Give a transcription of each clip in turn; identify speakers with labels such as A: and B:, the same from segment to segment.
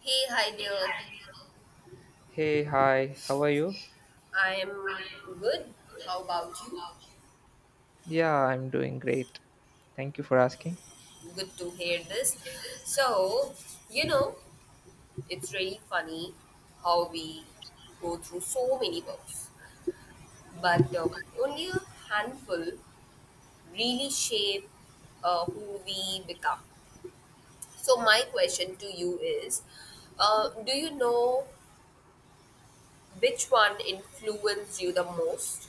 A: Hey, hi there.
B: Hey, hi, how are you?
A: I'm good. How about you?
B: Yeah, I'm doing great. Thank you for asking.
A: Good to hear this. So, you know, it's really funny how we go through so many books, but only a handful really shape who we become. So, my question to you is do you know which one influenced you the most?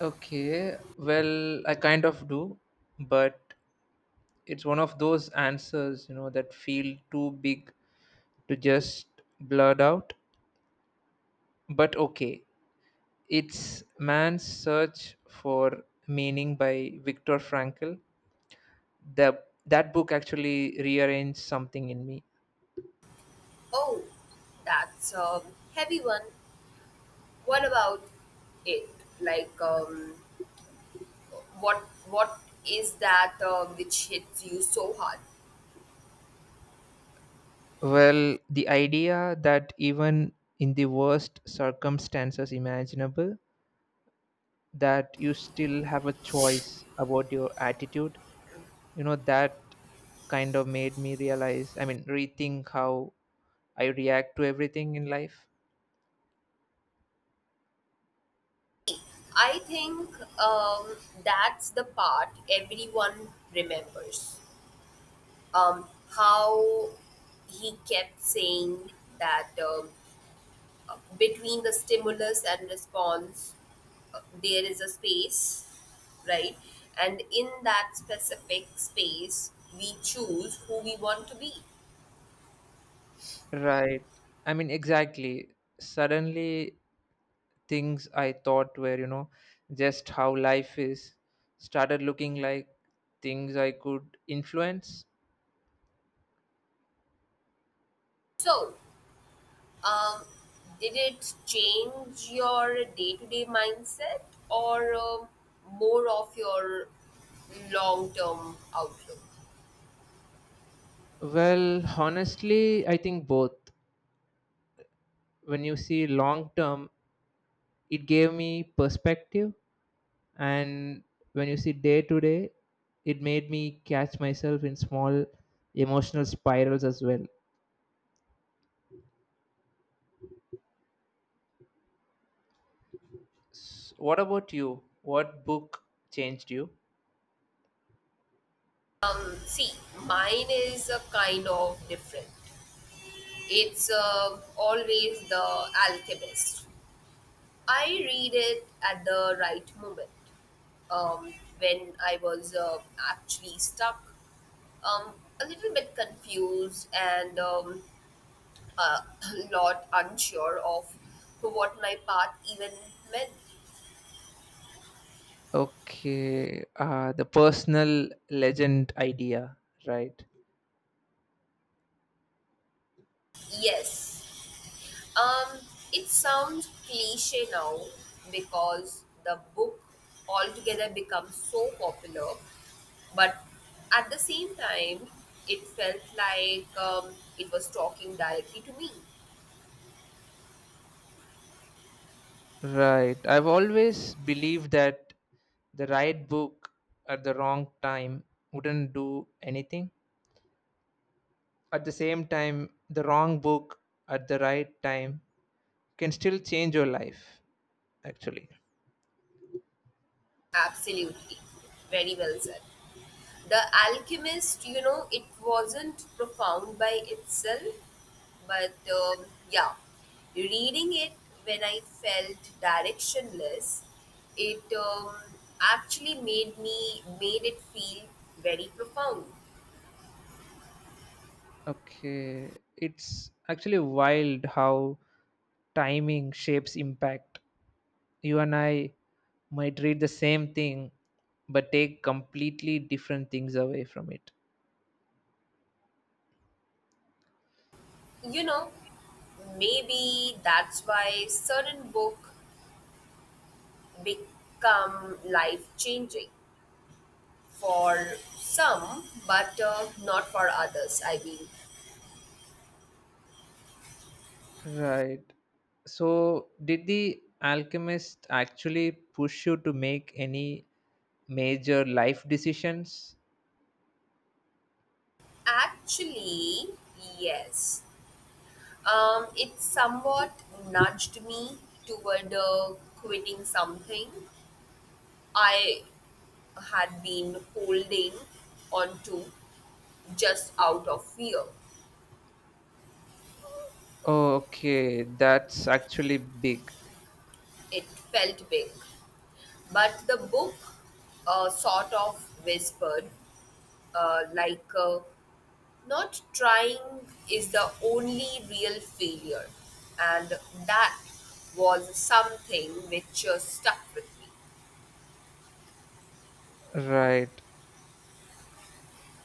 B: Okay, well, I kind of do, but it's one of those answers, that feel too big to just blurt out. But okay, it's Man's Search for Meaning by Viktor Frankl. That book actually rearranged something in me.
A: Oh, that's a heavy one. What about it? Like, what what is that which hits you so hard?
B: Well, the idea that even in the worst circumstances imaginable, that you still have a choice about your attitude, that kind of made me realize, I mean rethink how I react to everything in life.
A: I think um, that's the part everyone remembers. Um, how he kept saying that between the stimulus and response, there is a space, right? And in that specific space, we choose who we want to be.
B: Right, I mean exactly. Suddenly things I thought were, just how life is, started looking like things I could influence.
A: So, Um, did it change your day to day mindset or more of your long term outlook?
B: Well, honestly, I think both. When you see long term, it gave me perspective, and when you see day to day, it made me catch myself in small emotional spirals as well. What about you? What book changed you?
A: See, mine is a kind of different. It's always The Alchemist. I read it at the right moment um, when I was actually stuck, um, a little bit confused, and uh, lot unsure of what my path even meant.
B: Okay, the personal legend idea, right?
A: Yes, um, it sounds cliche now because the book altogether becomes so popular, but at the same time, it felt like it was talking directly to me.
B: Right, I've always believed that the right book at the wrong time wouldn't do anything. At the same time, the wrong book at the right time can still change your life, actually.
A: Absolutely, very well said. The Alchemist, you know, it wasn't profound by itself, but yeah, reading it when I felt directionless, it actually made me made it feel very profound.
B: Okay, it's actually wild how timing shapes impact. You and I might read the same thing, but take completely different things away from it.
A: You know, maybe that's why certain book become life changing for some, but not for others. I mean.
B: Right. So, did the alchemist actually push you to make any major life decisions?
A: Actually, yes. It somewhat nudged me toward quitting something I had been holding on to just out of fear.
B: Okay, that's actually big.
A: It felt big. But the book sort of whispered, like, not trying is the only real failure, and that was something which stuck with me.
B: Right.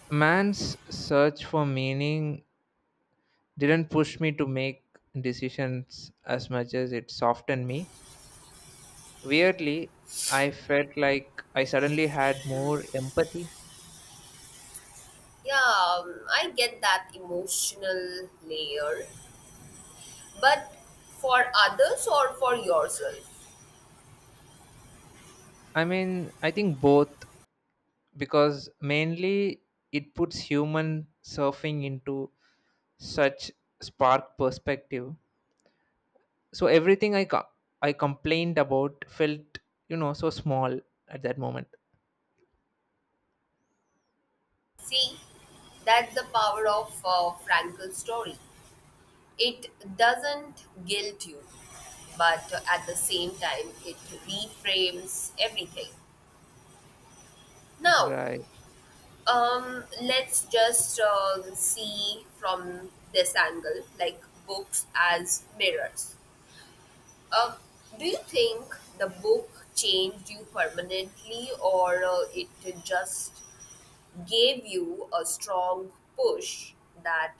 B: Man's search for meaning didn't push me to make decisions as much as it softened me. Weirdly, I felt like I suddenly had more empathy.
A: Yeah, I get that emotional layer, but for others or for yourself?
B: I mean, I think both, because mainly it puts human surfing into such spark perspective. So everything I complained about felt, so small at that moment.
A: See, that's the power of Frankel's story. It doesn't guilt you, but at the same time, it reframes everything. Now,
B: Right.
A: Let's just see from this angle, like books as mirrors. Uh, do you think the book changed you permanently, or it just gave you a strong push that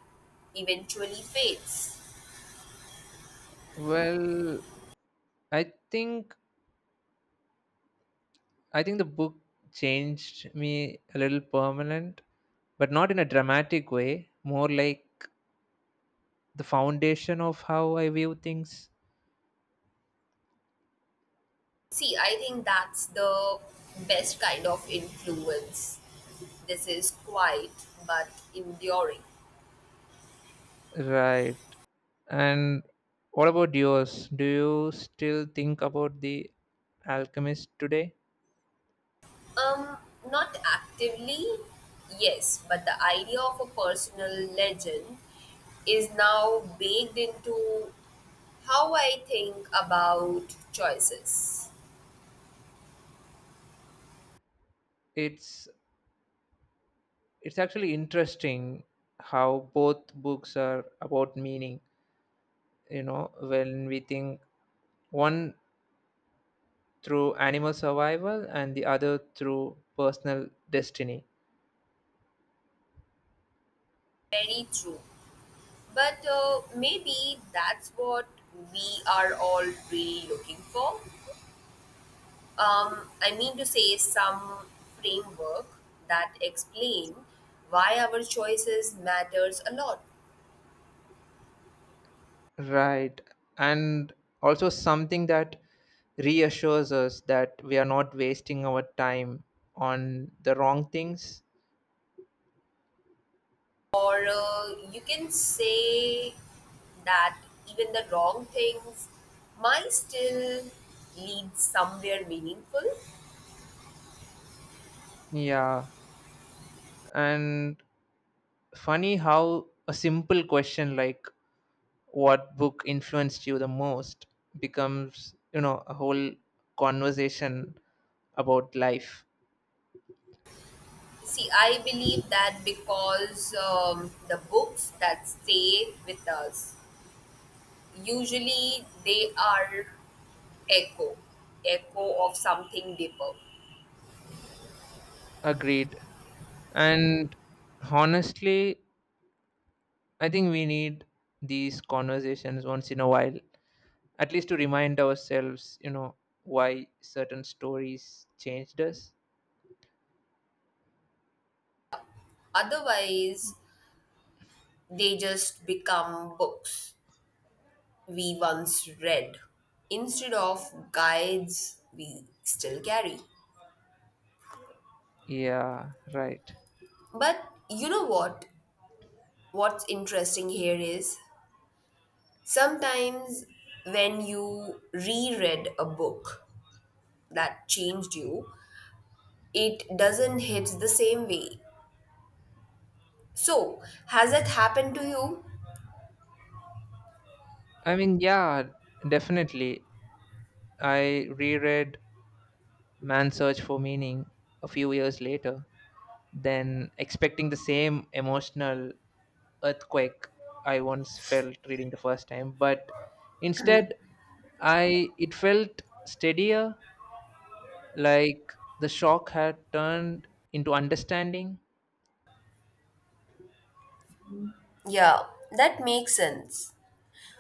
A: eventually fades?
B: Well, I think I think the book changed me a little permanent, but not in a dramatic way, more like the foundation of how I view things.
A: See, I think that's the best kind of influence. This is quiet but enduring.
B: Right. And what about yours? Do you still think about the alchemist today?
A: Um, not actively, yes, but the idea of a personal legend is now baked into how I think about choices.
B: It's it's actually interesting how both books are about meaning, when we think one through animal survival and the other through personal destiny.
A: Very true. But maybe that's what we are all really looking for. I mean to say, some framework that explain why our choices matters a lot.
B: Right. And also something that reassures us that we are not wasting our time on the wrong things.
A: Or you can say that even the wrong things might still lead somewhere meaningful.
B: Yeah. And funny how a simple question like what book influenced you the most becomes, a whole conversation about life.
A: See, I believe that because the books that stay with us usually they are echo, echo of something deeper.
B: Agreed. And honestly, I think we need these conversations once in a while, at least to remind ourselves, why certain stories changed us.
A: Otherwise, they just become books we once read instead of guides we still carry.
B: Yeah, right.
A: But you know what? What's interesting here is sometimes when you reread a book that changed you, it doesn't hit the same way. So, has that happened to you?
B: I mean, yeah, definitely. I reread Man's Search for Meaning a few years later, then expecting the same emotional earthquake I once felt reading the first time. But instead, I it felt steadier, like the shock had turned into understanding.
A: Yeah, that makes sense.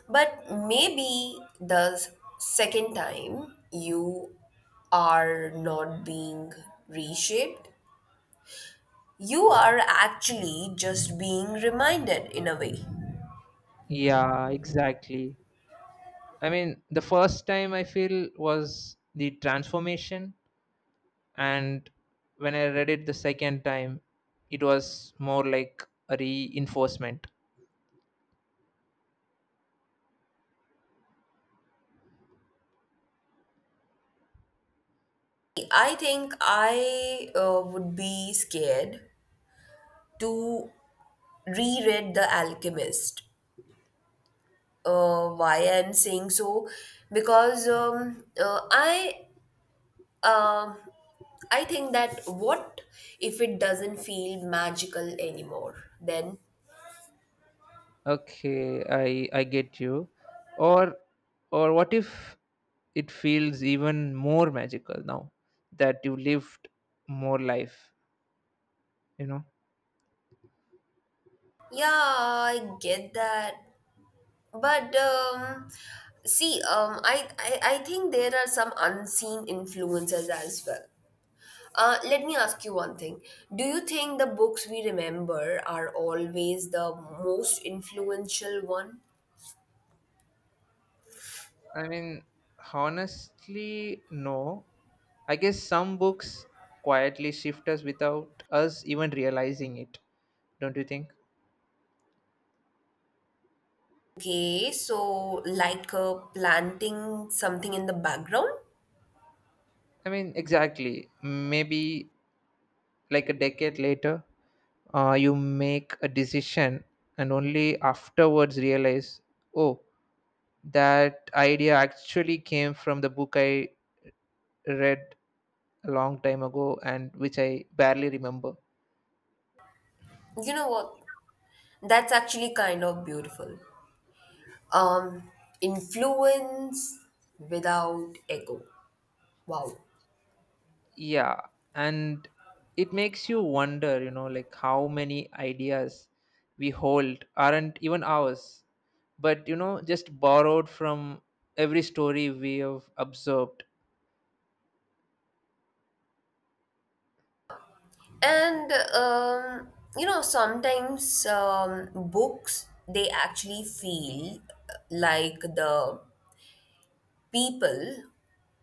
A: But maybe the second time you are not being reshaped, you are actually just being reminded in a way.
B: Yeah, exactly. I mean, the first time I feel was the transformation, and when I read it the second time, it was more like a reinforcement.
A: I think I would be scared to reread The Alchemist. Why I'm saying so? Because um I think that what if it doesn't feel magical anymore? Then
B: Okay, I get you. Or or what if it feels even more magical now that you lived more life, you know?
A: yeah, I get that, but see, I think there are some unseen influences as well. Let me ask you one thing. Do you think the books we remember are always the most influential one?
B: I mean, honestly, no. I guess some books quietly shift us without us even realizing it, don't you think?
A: Okay, so like planting something in the background?
B: I mean, exactly. Maybe like a decade later, you make a decision and only afterwards realize, oh, that idea actually came from the book I read a long time ago and which I barely remember.
A: You know what? That's actually kind of beautiful. Um, influence without ego. Wow.
B: Yeah, and it makes you wonder, like how many ideas we hold aren't even ours, but just borrowed from every story we have observed.
A: And you know, sometimes books they actually feel like the people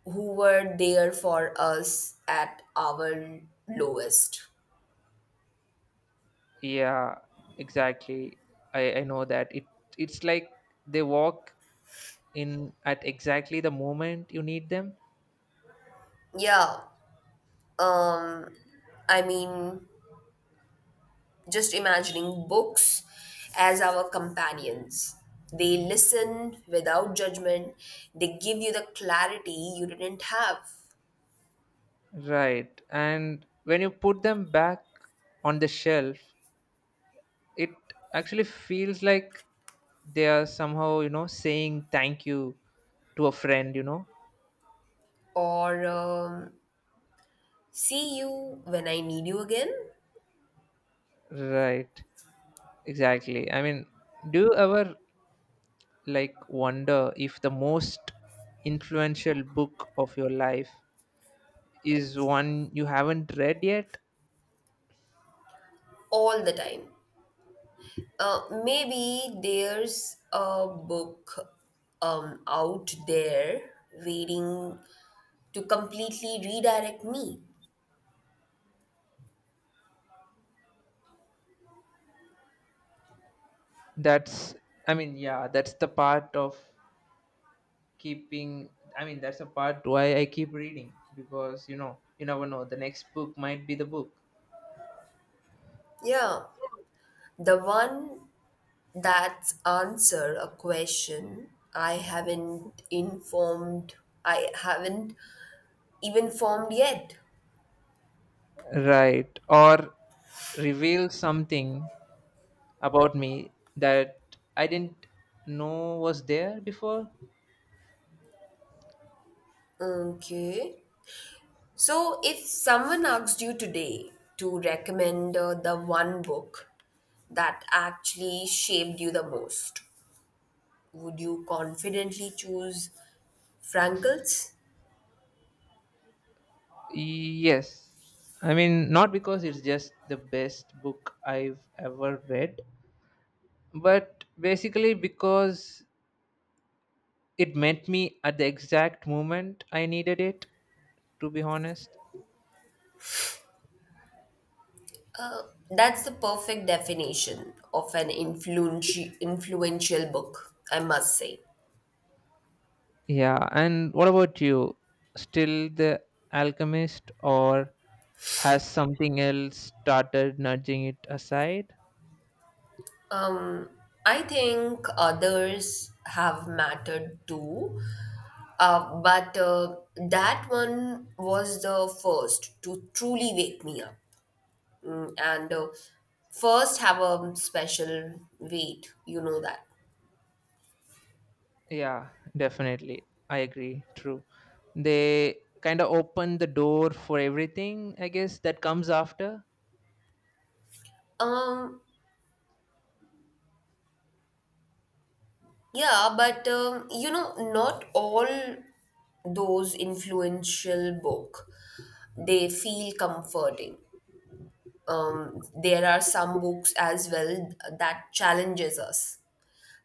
A: who were there for us at our lowest.
B: Yeah, exactly. I know that. It's like they walk in at exactly the moment you need them.
A: Yeah. Um I mean just imagining books as our companions. They listen without judgment. They give you the clarity you didn't have.
B: Right. And when you put them back on the shelf, it actually feels like they are somehow, saying thank you to a friend, you know?
A: Or see you when I need you again
B: Right. Exactly. I mean, do you ever like wonder if the most influential book of your life is one you haven't read yet?
A: all the time. Maybe there's a book out there waiting to completely redirect me.
B: That's, I mean, yeah, that's the part of keeping, I mean, that's the part why I keep reading because, you never know. The next book might be the book.
A: Yeah, the one that's answer a question I haven't informed, I haven't even formed yet.
B: Right. Or reveal something about me that I didn't know was there before?
A: Okay. So if someone asked you today to recommend the one book that actually shaped you the most, would you confidently choose Frankel's?
B: Yes. I mean, not because it's just the best book I've ever read, but basically because it met me at the exact moment I needed it, to be honest.
A: That's the perfect definition of an influential book, I must say.
B: Yeah, and what about you? Still the alchemist, or has something else started nudging it aside?
A: Um, I think others have mattered too, but that one was the first to truly wake me up. Mm, and first have a special weight, you know that.
B: Yeah, definitely. I agree. True. They kind of open the door for everything, I guess, that comes after.
A: Um, yeah, but you know, not all those influential book they feel comforting. There are some books as well that challenges us.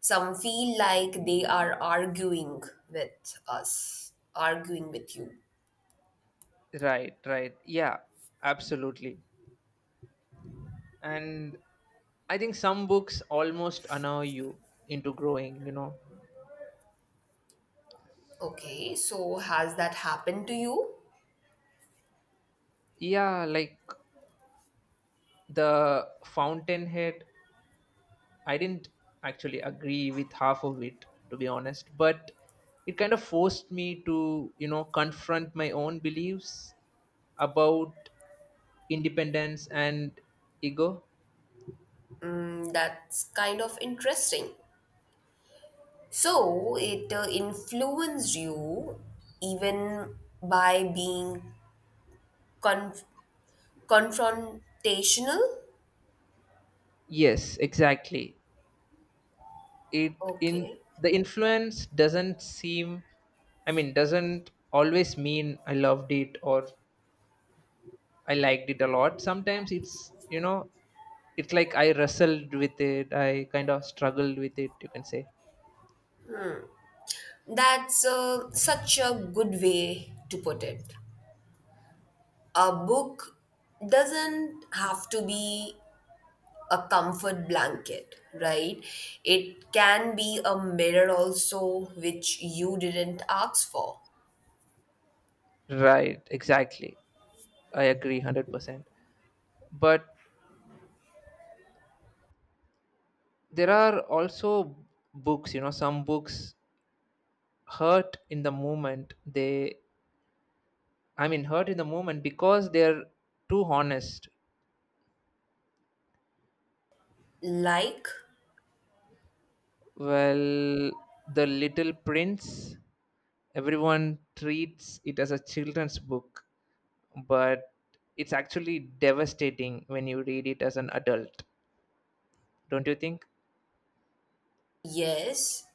A: Some feel like they are arguing with us, arguing with you.
B: Right, right. Yeah, absolutely. And I think some books almost annoy you into growing, you know.
A: Okay, so has that happened to you?
B: Yeah, like the Fountainhead. I didn't actually agree with half of it, to be honest, but it kind of forced me to, confront my own beliefs about independence and ego.
A: Mm, that's kind of interesting. So it influenced you even by being conf- confrontational.
B: Yes, exactly. It in
A: Okay.
B: the influence doesn't seem, I mean, doesn't always mean I loved it or I liked it a lot. Sometimes it's, it's like I wrestled with it, I kind of struggled with it, you can say.
A: That's such a good way to put it. A book doesn't have to be a comfort blanket, right? It can be a mirror also, which you didn't ask for.
B: Right, exactly. I agree 100%. But there are also books, some books hurt in the moment. I mean, hurt in the moment because they're too honest.
A: Like,
B: Well, The Little Prince, everyone treats it as a children's book, but it's actually devastating when you read it as an adult. Don't you think?
A: yes,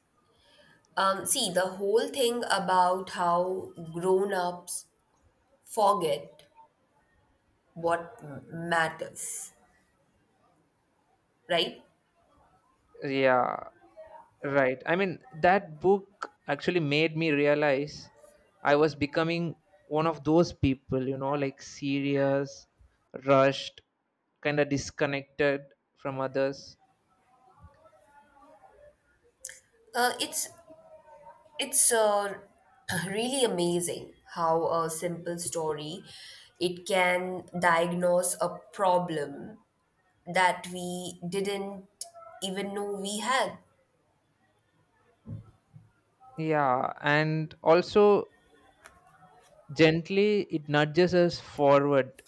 A: see, the whole thing about how grown ups forget what matters, right?
B: Yeah. Right. I mean, that book actually made me realize I was becoming one of those people, like serious, rushed, kind of disconnected from others.
A: Uh, it's It's really amazing how a simple story it can diagnose a problem that we didn't even know we had.
B: Yeah. And also, gently, it nudges us forward.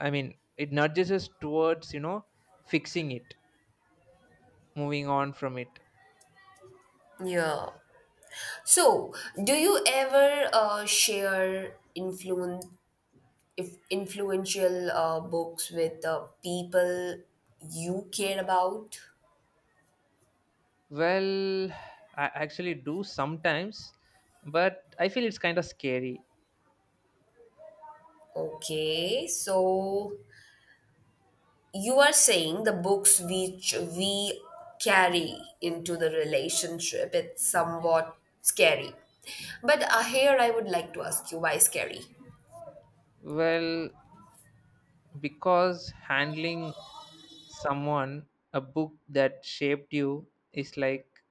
B: I mean, it nudges us towards, fixing it, moving on from it.
A: Yeah. So, do you ever share influence if influential books with people you care about?
B: Well, I actually do sometimes, but I feel it's kind of scary.
A: Okay, so you are saying the books which we carry into the relationship, it's somewhat scary. But here I would like to ask you, why scary?
B: Well, because handling someone a book that shaped you is like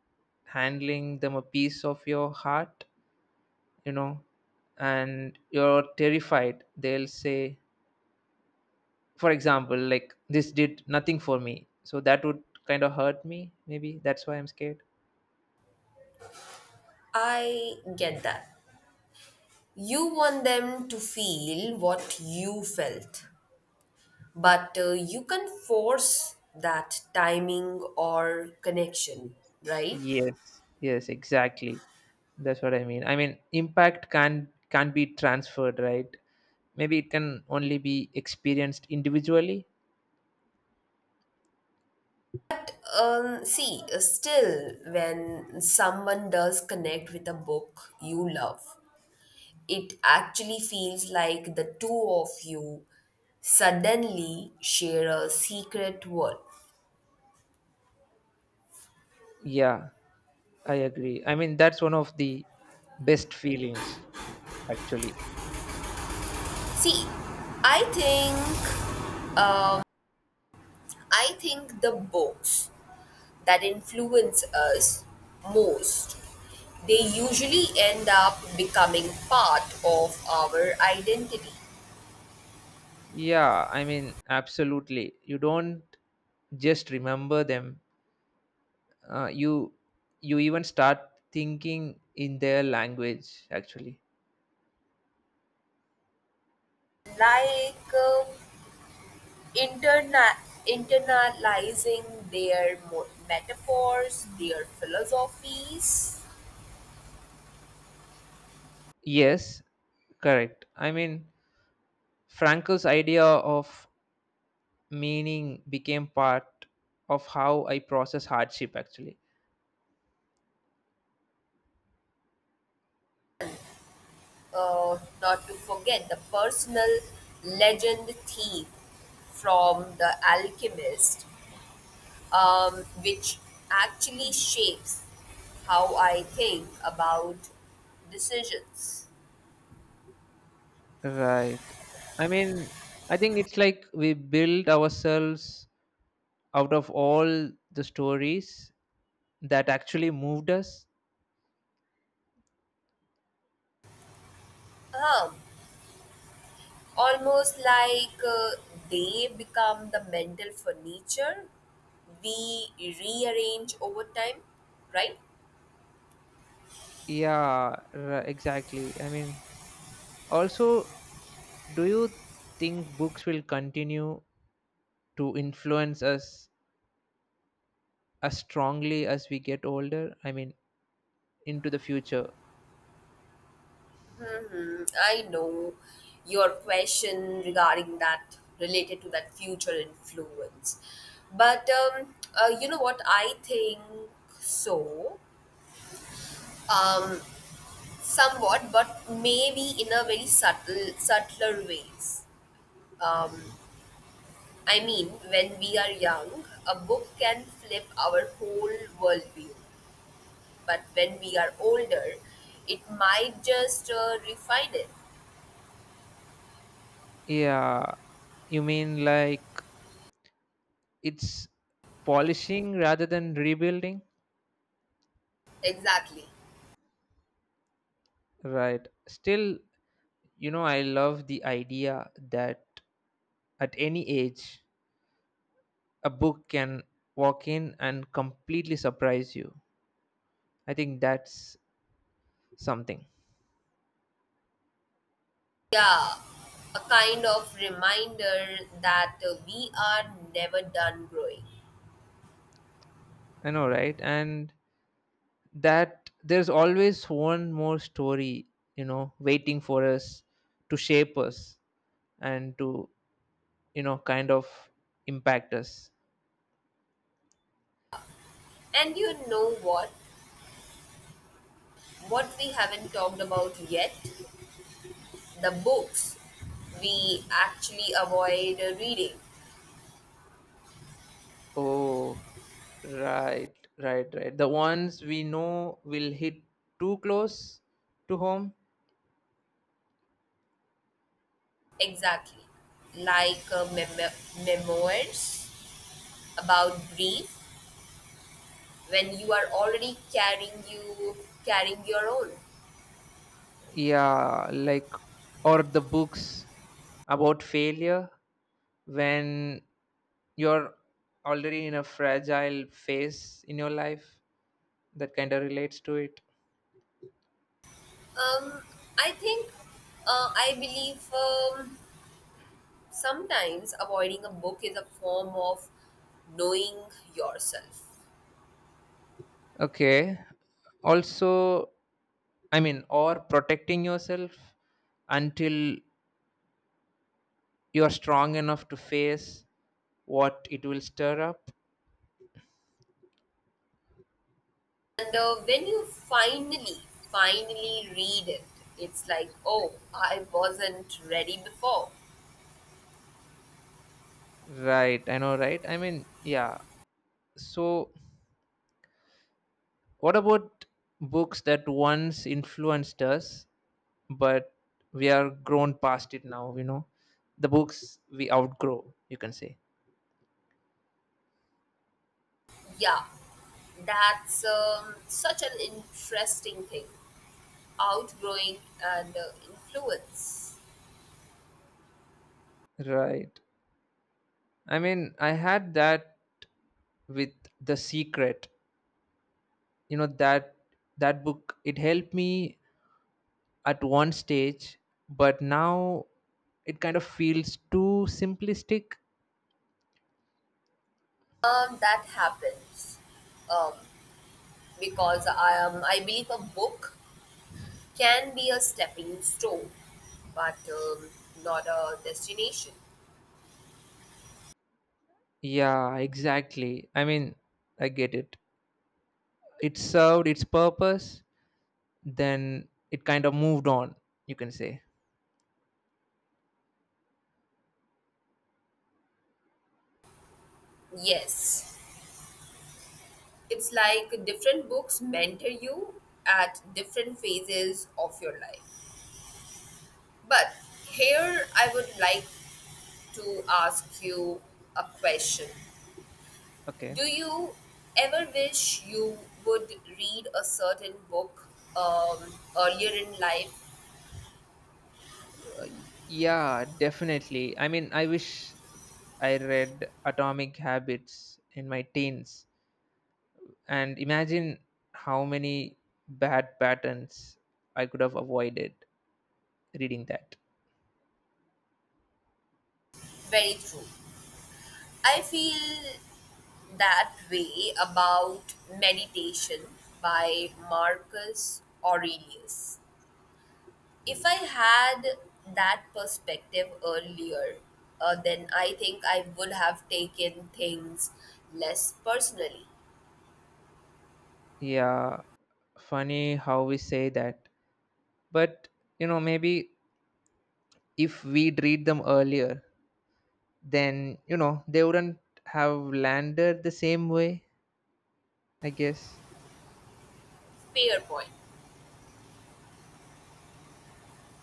B: handling them a piece of your heart, you know and you're terrified they'll say, for example, like this did nothing for me, so that would kind of hurt me. Maybe that's why I'm scared.
A: I get that. You want them to feel what you felt, but you can force that timing or connection, right?
B: Yes, yes, exactly. That's what I mean. I mean, impact can be transferred, right? Maybe it can only be experienced individually.
A: See, still, when someone does connect with a book you love, it actually feels like the two of you suddenly share a secret world.
B: Yeah, I agree. I mean, that's one of the best feelings, actually.
A: See, I think um, I think the books that influence us most they usually end up becoming part of our identity,
B: Yeah, I mean, absolutely. You don't just remember them. Uh, you you even start thinking in their language, actually.
A: like interna- internalizing their metaphors, their philosophies,
B: Yes, correct. I mean, Franco's idea of meaning became part of how I process hardship, actually.
A: not to forget the personal legend thief from The Alchemist, which actually shapes how I think about decisions.
B: Right. I mean, I think it's like we build ourselves out of all the stories that actually moved us.
A: Um, almost like they become the mental furniture we rearrange over time, right?
B: Yeah, exactly. I mean, also, do you think books will continue to influence us as strongly as we get older, I mean, into the future?
A: Hmm, I know your question regarding that related to that future influence. But you know what? I think so, um, somewhat, but maybe in a very subtle, subtler ways. Um, I mean, when we are young, a book can flip our whole worldview. But when we are older, it might just refine it.
B: Yeah, you mean like it's polishing rather than rebuilding.
A: Exactly.
B: Right, still, I love the idea that at any age a book can walk in and completely surprise you. I think that's something.
A: Yeah, a kind of reminder that we are never done growing.
B: I know, right? And that there's always one more story, you know waiting for us to shape us and to, kind of impact us.
A: And you know what? What we haven't talked about yet? The books we actually avoid reading.
B: Oh, right, right, right, the ones we know will hit too close to home.
A: Exactly. Like memoirs about grief when you are already carrying your own.
B: Yeah, like, or the books about failure when you're already in a fragile phase in your life that kind of relates to it.
A: Um, I think I believe sometimes avoiding a book is a form of knowing yourself.
B: Okay, also, I mean, or protecting yourself until you're strong enough to face what it will stir up.
A: And when you finally read it, it's like, oh, I wasn't ready before.
B: Right, I know, right? I mean, yeah. So, what about books that once influenced us, but we are grown past it now, you know? The books we outgrow, you can say.
A: Yeah, that's such an interesting thing. Outgrowing and influence.
B: Right. I mean, I had that with The Secret. You know that book, it helped me at one stage, but now it kind of feels too simplistic.
A: That happens um, because I am. I believe a book can be a stepping stone, but not a destination.
B: Yeah, exactly. I mean, I get it. It served its purpose, then it kind of moved on, you can say.
A: Yes, it's like different books mentor you at different phases of your life. But here I would like to ask you a question.
B: Okay.
A: Do you ever wish you would read a certain book um, earlier in life?
B: Uh, yeah, definitely. I mean, I wish I read atomic habits in my teens and imagine how many bad patterns I could have avoided reading that.
A: Very true. I feel that way about meditation by Marcus Aurelius. If I had that perspective earlier, then I think I would have taken things less personally.
B: Yeah, funny how we say that, but maybe if we'd read them earlier, then they wouldn't have landed the same way, I guess.
A: Fair point.